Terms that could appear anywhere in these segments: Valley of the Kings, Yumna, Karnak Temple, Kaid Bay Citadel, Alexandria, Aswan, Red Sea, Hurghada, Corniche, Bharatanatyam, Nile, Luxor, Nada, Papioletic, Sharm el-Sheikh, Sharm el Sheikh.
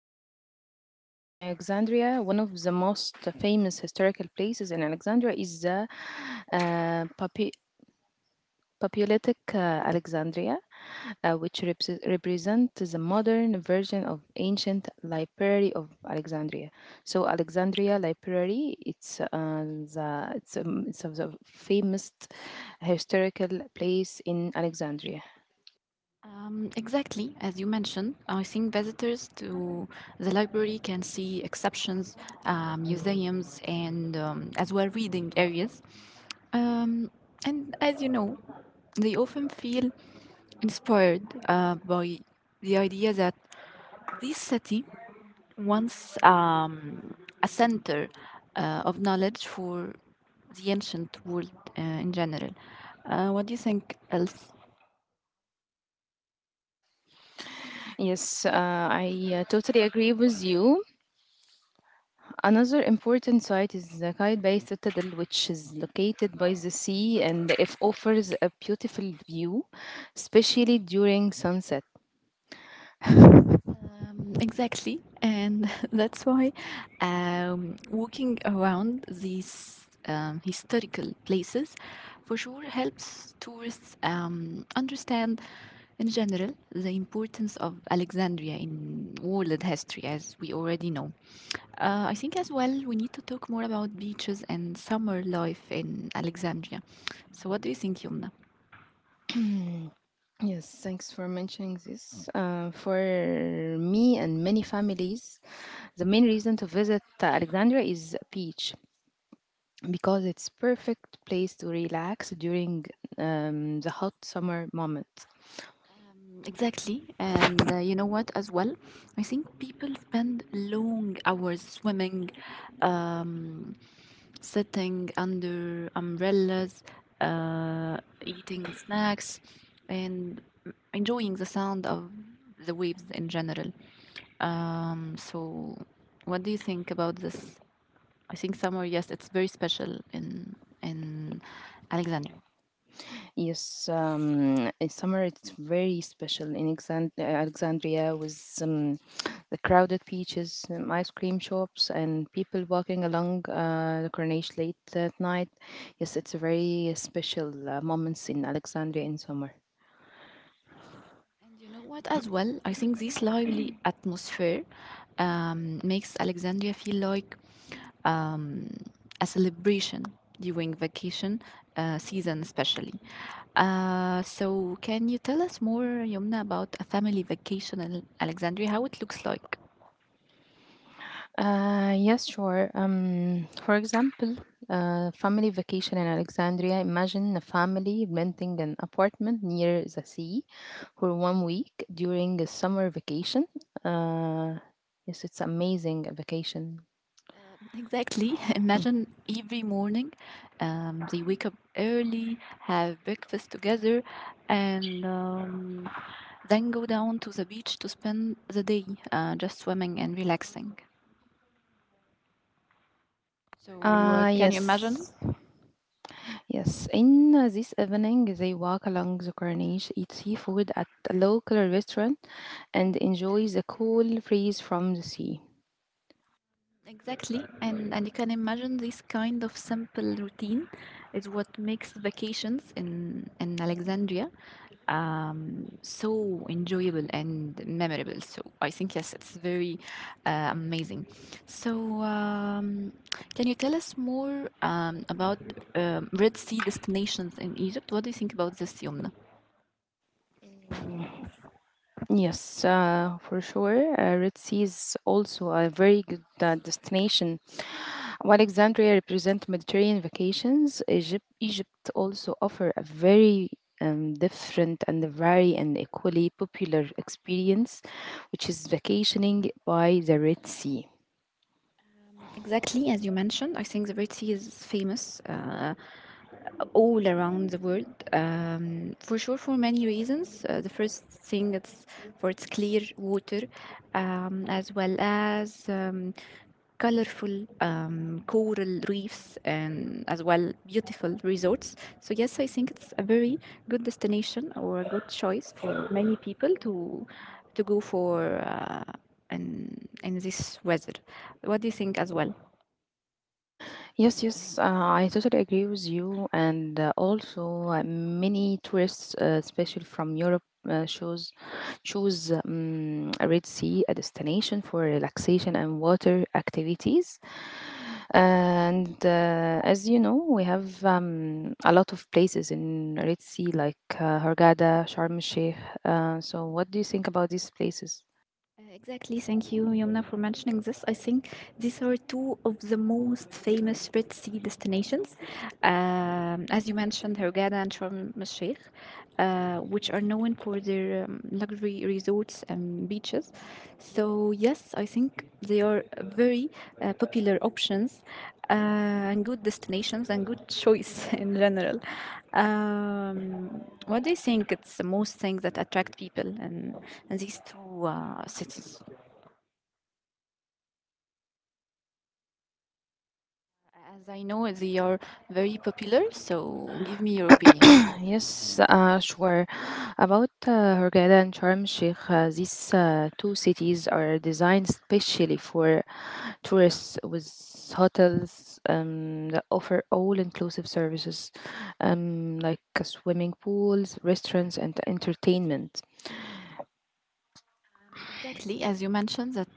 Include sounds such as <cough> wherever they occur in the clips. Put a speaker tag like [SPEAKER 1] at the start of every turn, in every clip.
[SPEAKER 1] example, in Alexandria, one of the most famous historical places in Alexandria is the uh, Papi- Papioletic Alexandria, which represent the modern version of ancient library of Alexandria. So Alexandria Library, it's it's of the famous historical place in Alexandria.
[SPEAKER 2] Exactly, as you mentioned, I think visitors to the library can see exceptions, museums, and as well reading areas. Um, and as you know, they often feel inspired by the idea that this city once a center of knowledge for the ancient world in general. What do you think else?
[SPEAKER 1] Yes, I totally agree with you. Another important site is the Kaid Bay Citadel, which is located by the sea and it offers a beautiful view, especially during sunset.
[SPEAKER 2] Exactly, and <laughs> that's why walking around these historical places for sure helps tourists understand, in general, the importance of Alexandria in world history, as we already know. I think as well we need to talk more about beaches and summer life in Alexandria. So, what do you think, Yumna?
[SPEAKER 1] <clears throat> Yes, thanks for mentioning this. For me and many families, the main reason to visit Alexandria is beach because it's perfect place to relax during the hot summer moment.
[SPEAKER 2] Exactly. And you know what, as well? I think people spend long hours swimming, um, sitting under umbrellas, uh, eating snacks, and enjoying the sound of the waves in general. So, what do you think about this? I think summer, yes, it's very special in Alexandria.
[SPEAKER 1] Yes, in summer it's very special in Alexandria with the crowded beaches, ice cream shops, and people walking along the Corniche late at night. Yes, it's a very special moments in Alexandria in summer.
[SPEAKER 2] And you know what, as well, I think this lively atmosphere makes Alexandria feel like um, a celebration during vacation season, especially. So, can you tell us more, Yomna, about a family vacation in Alexandria, how it looks like?
[SPEAKER 1] Yes, sure. For example, family vacation in Alexandria. Imagine a family renting an apartment near the sea for one week during a summer vacation. Uh, yes, it's amazing vacation.
[SPEAKER 2] Exactly. <laughs>
[SPEAKER 1] Mm.
[SPEAKER 2] Imagine every morning they wake up early, have breakfast together, and then go down to the beach to spend the day just swimming and relaxing. So can you imagine?
[SPEAKER 1] Yes. Yes, in this evening, they walk along the corniche, eat seafood at a local restaurant, and enjoy the cool breeze from the sea.
[SPEAKER 2] Exactly, and you can imagine this kind of simple routine is what makes vacations in Alexandria so enjoyable and memorable. So I think yes, it's very amazing. So can you tell us more about Red Sea destinations in Egypt? What do you think about this, Yomna?
[SPEAKER 1] Yes, for sure. Red Sea is also a very good destination. While Alexandria represents Mediterranean vacations, Egypt also offer a very different and very and equally popular experience, which is vacationing by the Red Sea.
[SPEAKER 2] Exactly as you mentioned, I think the Red Sea is famous all around the world for sure for many reasons. The first thing it's for its clear water, as well as colorful coral reefs and as well beautiful resorts. So yes, I think it's a very good destination or a good choice for many people to go for. In this weather. What do you think as well?
[SPEAKER 1] Yes, yes, I totally agree with you. And also, many tourists, especially from Europe, uh, choose choose a Red Sea a destination for relaxation and water activities. And as you know, we have a lot of places in Red Sea like Hurghada, Sharm el Sheikh. So, what do you think about these places?
[SPEAKER 2] Exactly, thank you, Yomna, for mentioning this. I think these are two of the most famous Red Sea destinations. As you mentioned, Hurghada and Sharm el Sheikh, which are known for their luxury resorts and beaches. So, yes, I think they are very popular options and good destinations and good choice <laughs> in general. Um, what do you think it's the most thing that attract people in these two cities? As I know, they are very popular, so give me your opinion.
[SPEAKER 1] Yes, sure. About Hurghada and Sharm el-Sheikh, these two cities are designed specially for tourists with hotels that offer all-inclusive services like swimming pools, restaurants, and entertainment.
[SPEAKER 2] Exactly, as you mentioned, that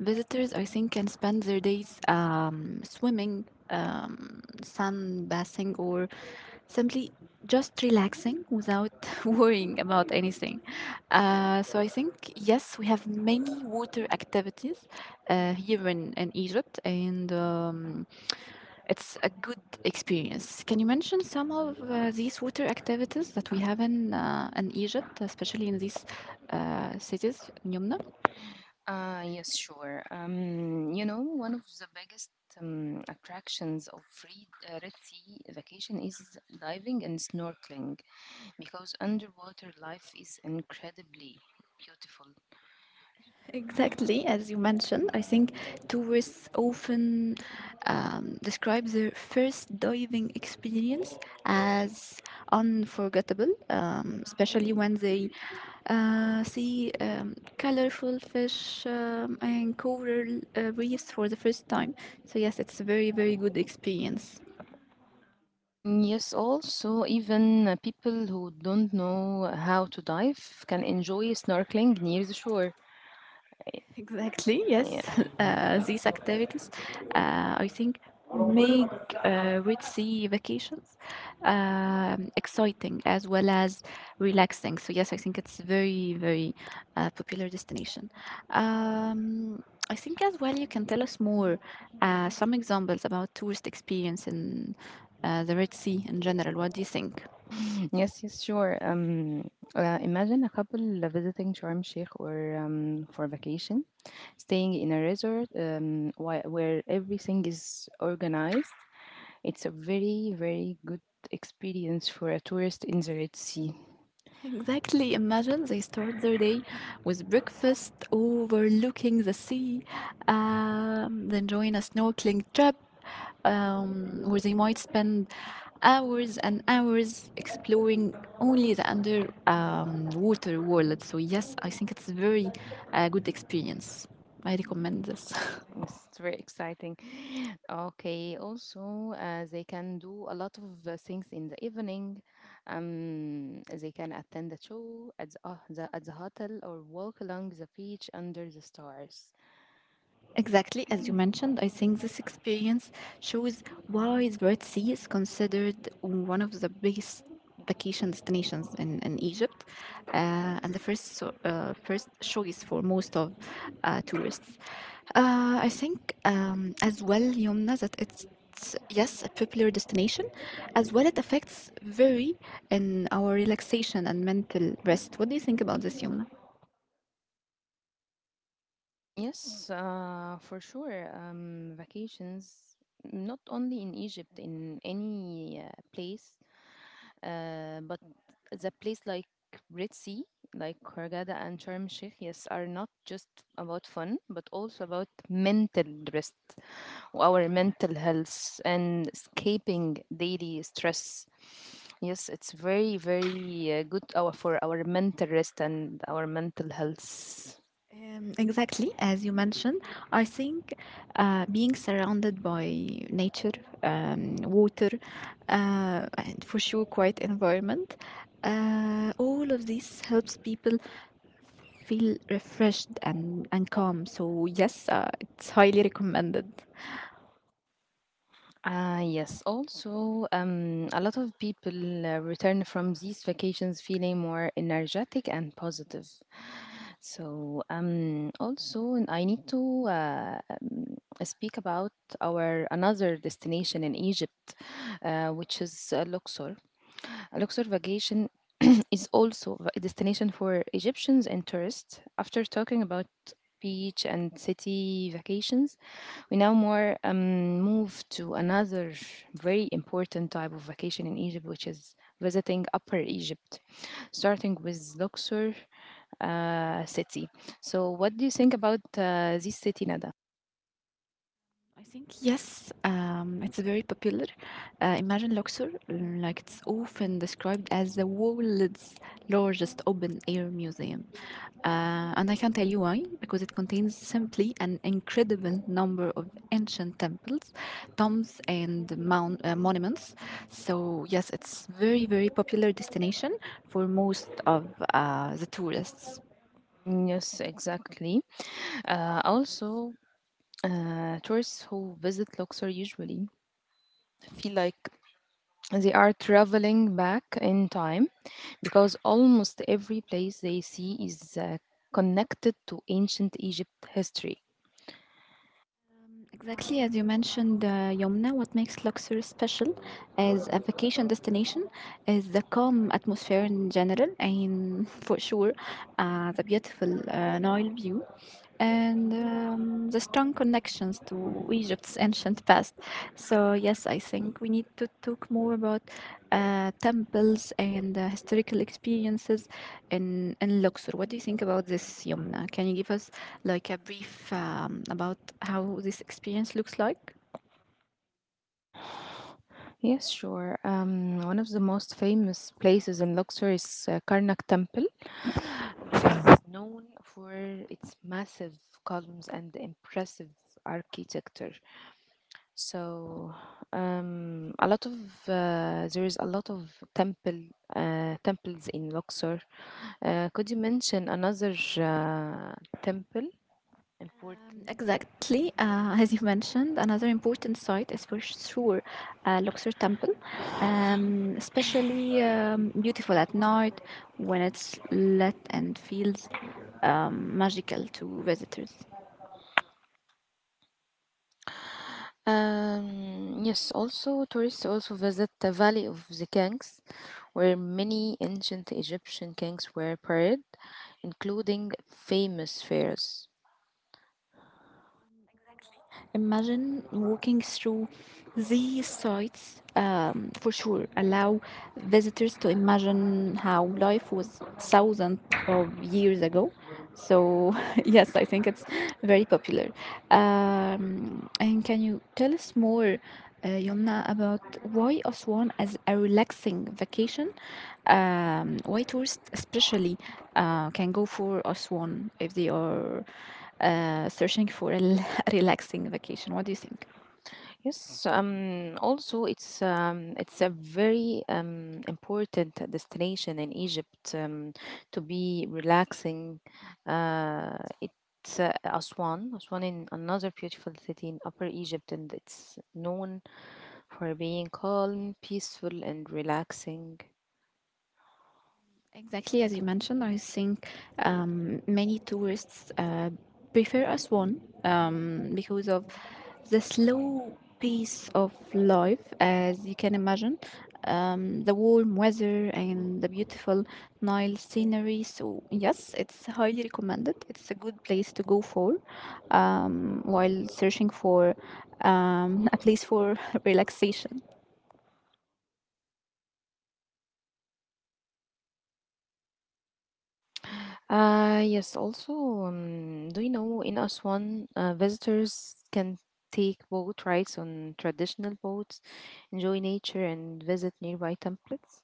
[SPEAKER 2] visitors, I think, can spend their days swimming, sunbathing, or simply just relaxing without <laughs> worrying about anything. So I think, yes, we have many water activities here in Egypt, and it's a good experience. Can you mention some of these water activities that we have in Egypt, especially in these cities, Yumna?
[SPEAKER 1] Yes, sure. One of the biggest attractions of Red Sea vacation is diving and snorkeling. Because underwater life is incredibly beautiful.
[SPEAKER 2] Exactly, as you mentioned, I think tourists often describe their first diving experience as unforgettable, especially when they see colorful fish and coral reefs for the first time. So, yes, it's a very, very good experience.
[SPEAKER 1] Mm, yes, also, even people who don't know how to dive can enjoy snorkeling near the shore.
[SPEAKER 2] Exactly, yes.
[SPEAKER 1] Yeah.
[SPEAKER 2] <laughs> These activities, I think, make with sea vacations exciting as well as relaxing. So, yes, I think it's very, very popular destination. Um, I think as well you can tell us more some examples about tourist experience in the Red Sea in general. What do you think?
[SPEAKER 1] <laughs> Yes, yes, sure. Imagine a couple visiting Sharm Sheikh or for vacation, staying in a resort where everything is organized. It's a very, very good experience for a tourist in the Red Sea.
[SPEAKER 2] Exactly. Imagine they start their day with breakfast overlooking the sea, then join a snorkeling trip where they might spend hours and hours exploring only the under water world. So yes, I think it's a very good experience. I
[SPEAKER 1] Mm.
[SPEAKER 2] recommend this. <laughs>
[SPEAKER 1] Yes, it's very exciting. <laughs> Okay, also they can do a lot of things in the evening. They can attend the show at the hotel or walk along the beach under the stars.
[SPEAKER 2] Exactly as you mentioned, I think this experience shows why the Red Sea is considered one of the biggest vacation destinations in Egypt and the first choice for most of tourists. I think as well, Yomna, that it's yes a popular destination as well it affects very in our relaxation and mental rest what do you think about this yomna
[SPEAKER 1] Yes, for sure. Vacations, not only in Egypt, in any place but the place like Red Sea, like Hurghada and Sharm el-Sheikh, yes, are not just about fun, but also about mental rest, our mental health, and escaping daily stress. Yes, it's very, very for our mental rest and our mental health.
[SPEAKER 2] Exactly, as you mentioned, I think being surrounded by nature, water, and for sure, quiet environment, all of this helps people feel refreshed and calm. So, yes, it's highly recommended.
[SPEAKER 1] Ah, yes. Also, a lot of people return from these vacations feeling more energetic and positive. So also I need to speak about our another destination in Egypt, which is Luxor. Luxor vacation <clears throat> is also a destination for Egyptians and tourists. After talking about beach and city vacations, we now more move to another very important type of vacation in Egypt, which is visiting Upper Egypt, starting with Luxor city. So, what do you think about this city, Nada?
[SPEAKER 2] I think yes, it's very popular. Imagine Luxor, like it's often described as the world's largest open-air museum, and I can tell you why because it contains simply an incredible number of ancient temples, tombs, and monuments. So yes, it's very very popular destination for most of the tourists.
[SPEAKER 1] Mm, yes, exactly. Also, tourists who visit Luxor usually feel like they are traveling back in time because almost every place they see is connected to ancient Egypt history.
[SPEAKER 2] Exactly as you mentioned, Yomna, what makes Luxor special as a vacation destination is the calm atmosphere in general, and <laughs> for sure, the beautiful Nile view and the strong connections to Egypt's ancient past. So yes, I think we need to talk more about temples and historical experiences in Luxor. What do you think about this, Yumna? Can you give us like a brief about how this experience looks like?
[SPEAKER 1] Yes, sure. One of the most famous places in Luxor is Karnak Temple is known for its massive columns and impressive architecture. So a lot of there is a lot of temples in Luxor. Could you mention another uh, temple important?
[SPEAKER 2] Exactly. As you mentioned, another important site is for sure Luxor Temple, especially beautiful at night when it's lit and feels magical to visitors.
[SPEAKER 1] Yes, also tourists also visit the Valley of the Kings, where many ancient Egyptian kings were buried, including famous pharaohs.
[SPEAKER 2] Imagine walking through these sites for sure. Allow visitors to imagine how life was thousands of years ago. So, <laughs> yes, I think it's very popular. And can you tell us more, Yomna, about why Aswan as a relaxing vacation? Why tourists, especially, can go for Aswan if they are searching for a relaxing vacation. What do you think?
[SPEAKER 1] Yes, also it's a very important destination in Egypt to be relaxing. It's Aswan, Aswan is another beautiful city in Upper Egypt, and it's known for being calm, peaceful, and relaxing.
[SPEAKER 2] Exactly as you mentioned, I think many tourists prefer Aswan because of the slow pace of life, as you can imagine, the warm weather and the beautiful Nile scenery. So, yes, it's highly recommended. It's a good place to go for while searching for <laughs> a place for <laughs> relaxation.
[SPEAKER 1] Yes, also, do you know in Aswan, visitors can take boat rides on traditional boats, enjoy nature, and visit nearby templates.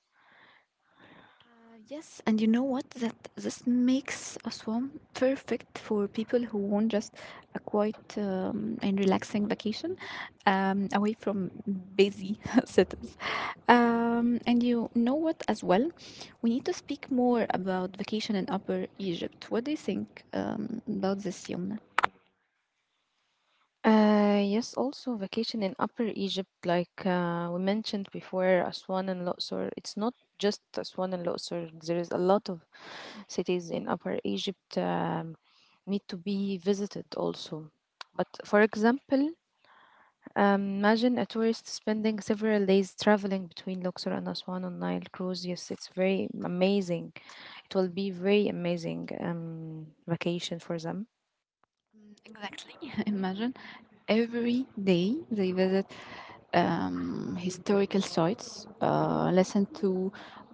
[SPEAKER 2] Yes, and you know what? That this makes Aswan perfect for people who want just a quiet and relaxing vacation away from busy <laughs> cities. And you know what? As well, we need to speak more about vacation in Upper Egypt. What do you think about this, Yomna?
[SPEAKER 1] Yes, also vacation in Upper Egypt, like we mentioned before, Aswan and Luxor. It's not just Aswan and Luxor. There is a lot of cities in Upper Egypt need to be visited also. But for example, imagine a tourist spending several days traveling between Luxor and Aswan on Nile cruise. Yes, it's very amazing. It will be very amazing vacation for them.
[SPEAKER 2] Exactly. <laughs> Imagine every day they visit historical sites, listen to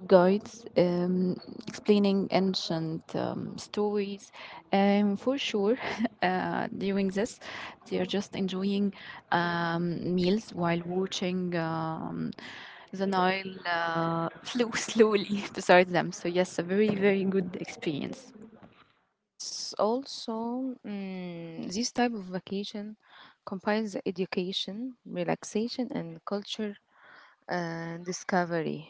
[SPEAKER 2] guides explaining ancient stories. And for sure, <laughs> during this, they are just enjoying meals while watching the Nile flow <laughs> slowly beside them. So, yes, a very, very good experience.
[SPEAKER 1] Also, this type of vacation combines education, relaxation, and culture discovery.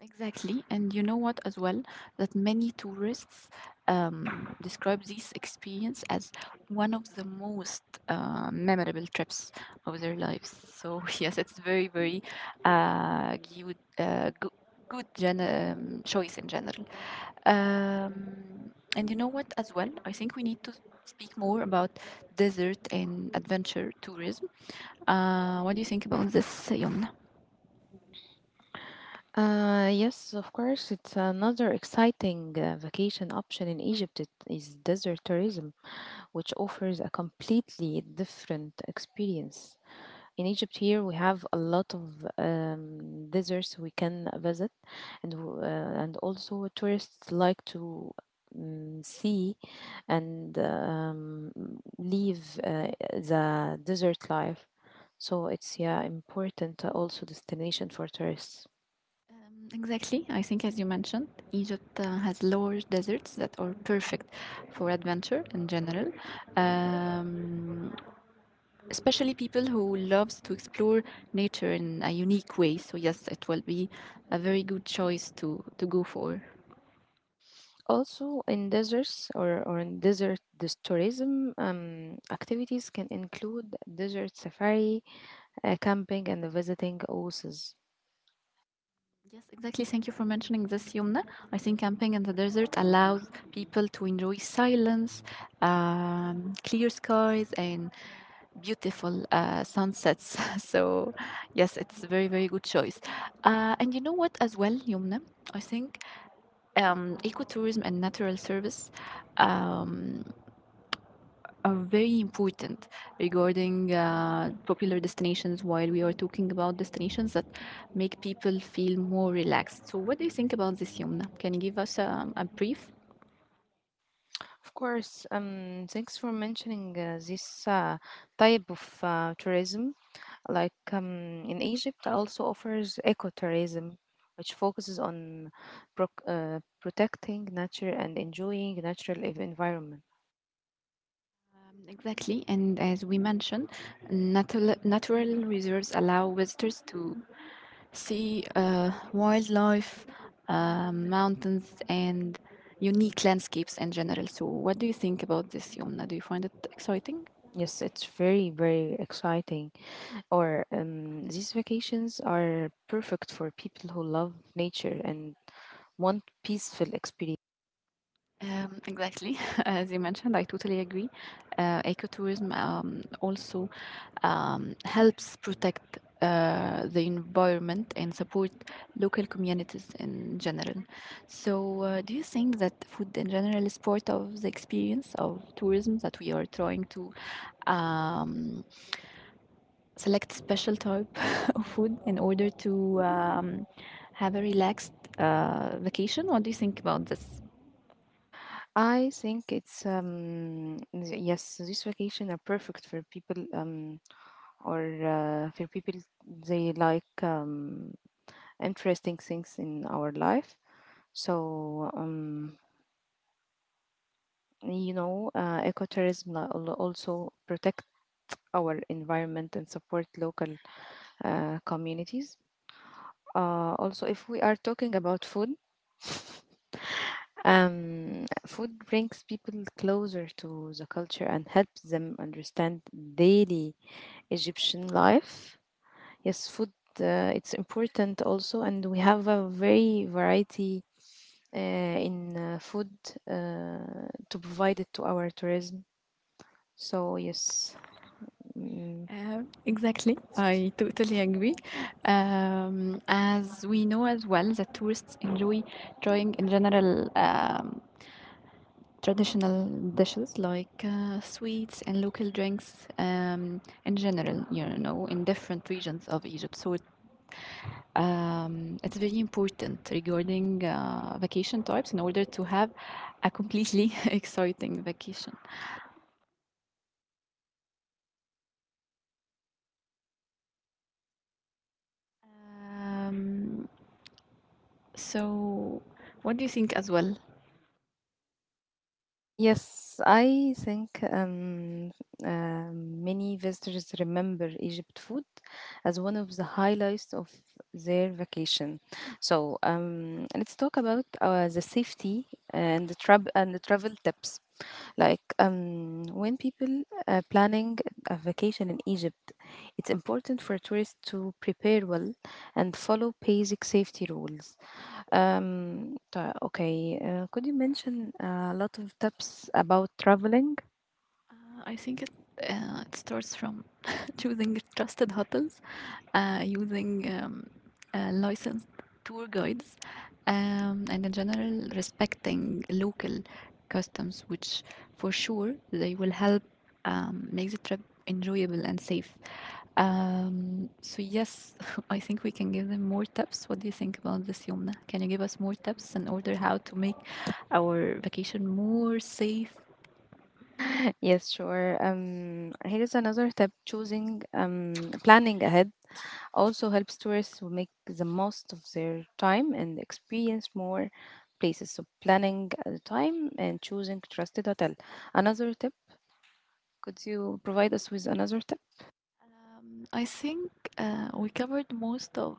[SPEAKER 2] Exactly, and you know what as well that many tourists describe this experience as one of the most memorable trips of their lives. So <laughs> yes, it's very very uh, good uh, good, good choice in general. And you know what as well? I think we need to speak more about desert and adventure tourism. What do you think about this, Young?
[SPEAKER 1] Yes, of course, it's another exciting vacation option in Egypt. It is desert tourism, which offers a completely different experience. In Egypt, here we have a lot of deserts we can visit, and and also tourists like to see and live the desert life. So it's yeah important also destination for tourists.
[SPEAKER 2] Exactly. I think, as you mentioned, Egypt has large deserts that are perfect for adventure in general, um, especially people who loves to explore nature in a unique way. So yes, it will be a very good choice to go for.
[SPEAKER 1] Also in deserts or in desert this tourism activities can include desert safari, camping and visiting oases.
[SPEAKER 2] Yes, exactly. Thank you for mentioning this, Yumna. I think camping in the desert allows people to enjoy silence, clear skies, and beautiful sunsets. <laughs> So, yes, it's a very, very good choice. And you know what, as well, Yumna? I think ecotourism and natural service. Um, are very important regarding popular destinations while we are talking about destinations that make people feel more relaxed. So, what do you think about this, Yumna? Can you give us a brief?
[SPEAKER 1] Of course, thanks for mentioning this type of tourism. Like in Egypt, also offers ecotourism, which focuses on protecting nature and enjoying natural environment.
[SPEAKER 2] Exactly, and as we mentioned, natural reserves allow visitors to see wildlife, mountains, and unique landscapes in general. So, what do you think about this, Yomna? Do you find it exciting?
[SPEAKER 1] Yes, it's very, very exciting. Or these vacations are perfect for people who love nature and want peaceful experience.
[SPEAKER 2] Exactly, <laughs> as you mentioned, I totally agree. Ecotourism also helps protect the environment and support local communities in general. So, do you think that food in general is part of the experience of tourism that we are trying to um, select special type <laughs> of food in order to have a relaxed vacation? What do you think about this?
[SPEAKER 1] I think it's yes, this vacation are perfect for people or uh, for people they like interesting things in our life. So ecotourism also protect our environment and support local communities. Also, if we are talking about food, food brings people closer to the culture and helps them understand daily Egyptian life. Yes, food, it's important also, and we have a very variety in food uh, to provide it to our tourism. So yes, mm,
[SPEAKER 2] Exactly, I totally agree. As we know as well that tourists enjoy trying in general traditional dishes like sweets and local drinks in general, you know, in different regions of Egypt. So it's very important regarding vacation types in order to have a completely <laughs> exciting vacation. Um, so, what do you think as well?
[SPEAKER 1] yes, I think many visitors remember Egypt food as one of the highlights of their vacation. So let's talk about the safety and the travel tips. Like when people are planning a vacation in Egypt, it's important for tourists to prepare well and follow basic safety rules. Okay, could you mention a lot of tips about traveling?
[SPEAKER 2] I think it it starts from <laughs> choosing trusted hotels, using licensed tour guides, and in general respecting local customs, which for sure they will help make the trip enjoyable and safe. So yes, <laughs> I think we can give them more tips. What do you think about this, Yomna? Can you give us more tips in order how to make our vacation more safe?
[SPEAKER 1] <laughs> Yes, sure. Here is another tip: choosing planning ahead also helps tourists will make the most of their time and experience more places. So planning at the time and choosing trusted hotel. Another tip, could you provide us with another tip?
[SPEAKER 2] I think we covered most of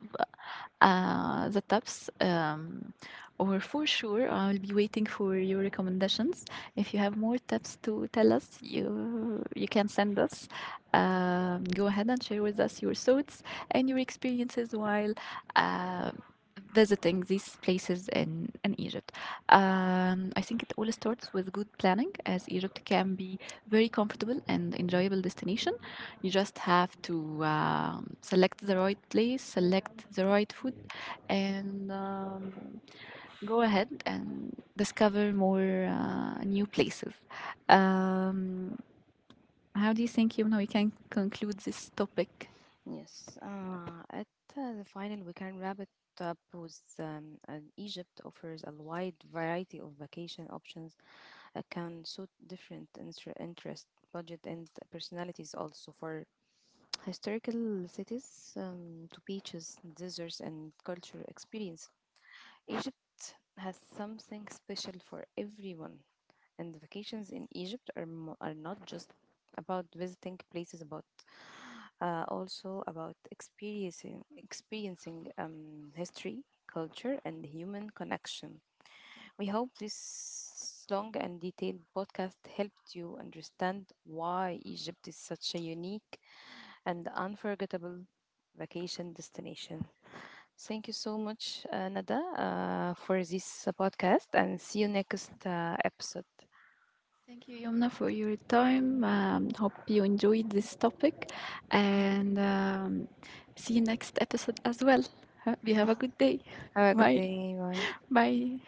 [SPEAKER 2] the tips, or for sure, I'll be waiting for your recommendations. If you have more tips to tell us, you can send us. Go ahead and share with us your thoughts and your experiences while uh, visiting these places in Egypt. I think it all starts with good planning, as Egypt can be very comfortable and enjoyable destination. You just have to select the right place, select the right food, and go ahead and discover more new places. Um, how do you think, Yumna, we can conclude this topic?
[SPEAKER 1] Yes. At the final, we can wrap it up with an Egypt offers a wide variety of vacation options that can suit different interest, budget, and personalities also for historical cities to beaches, deserts, and cultural experience. Egypt has something special for everyone, and vacations in Egypt are, are not just about visiting places, but also about experiencing history, culture, and human connection. We hope this long and detailed podcast helped you understand why Egypt is such a unique and the unforgettable vacation destination. Thank you so much, Nada, for this podcast, and see you next episode.
[SPEAKER 2] Thank you, Yumna, for your time. Hope you enjoyed this topic, and see you next episode as well. Hope you have a good day.
[SPEAKER 1] Have a good
[SPEAKER 2] Bye.
[SPEAKER 1] day. Bye.
[SPEAKER 2] Bye.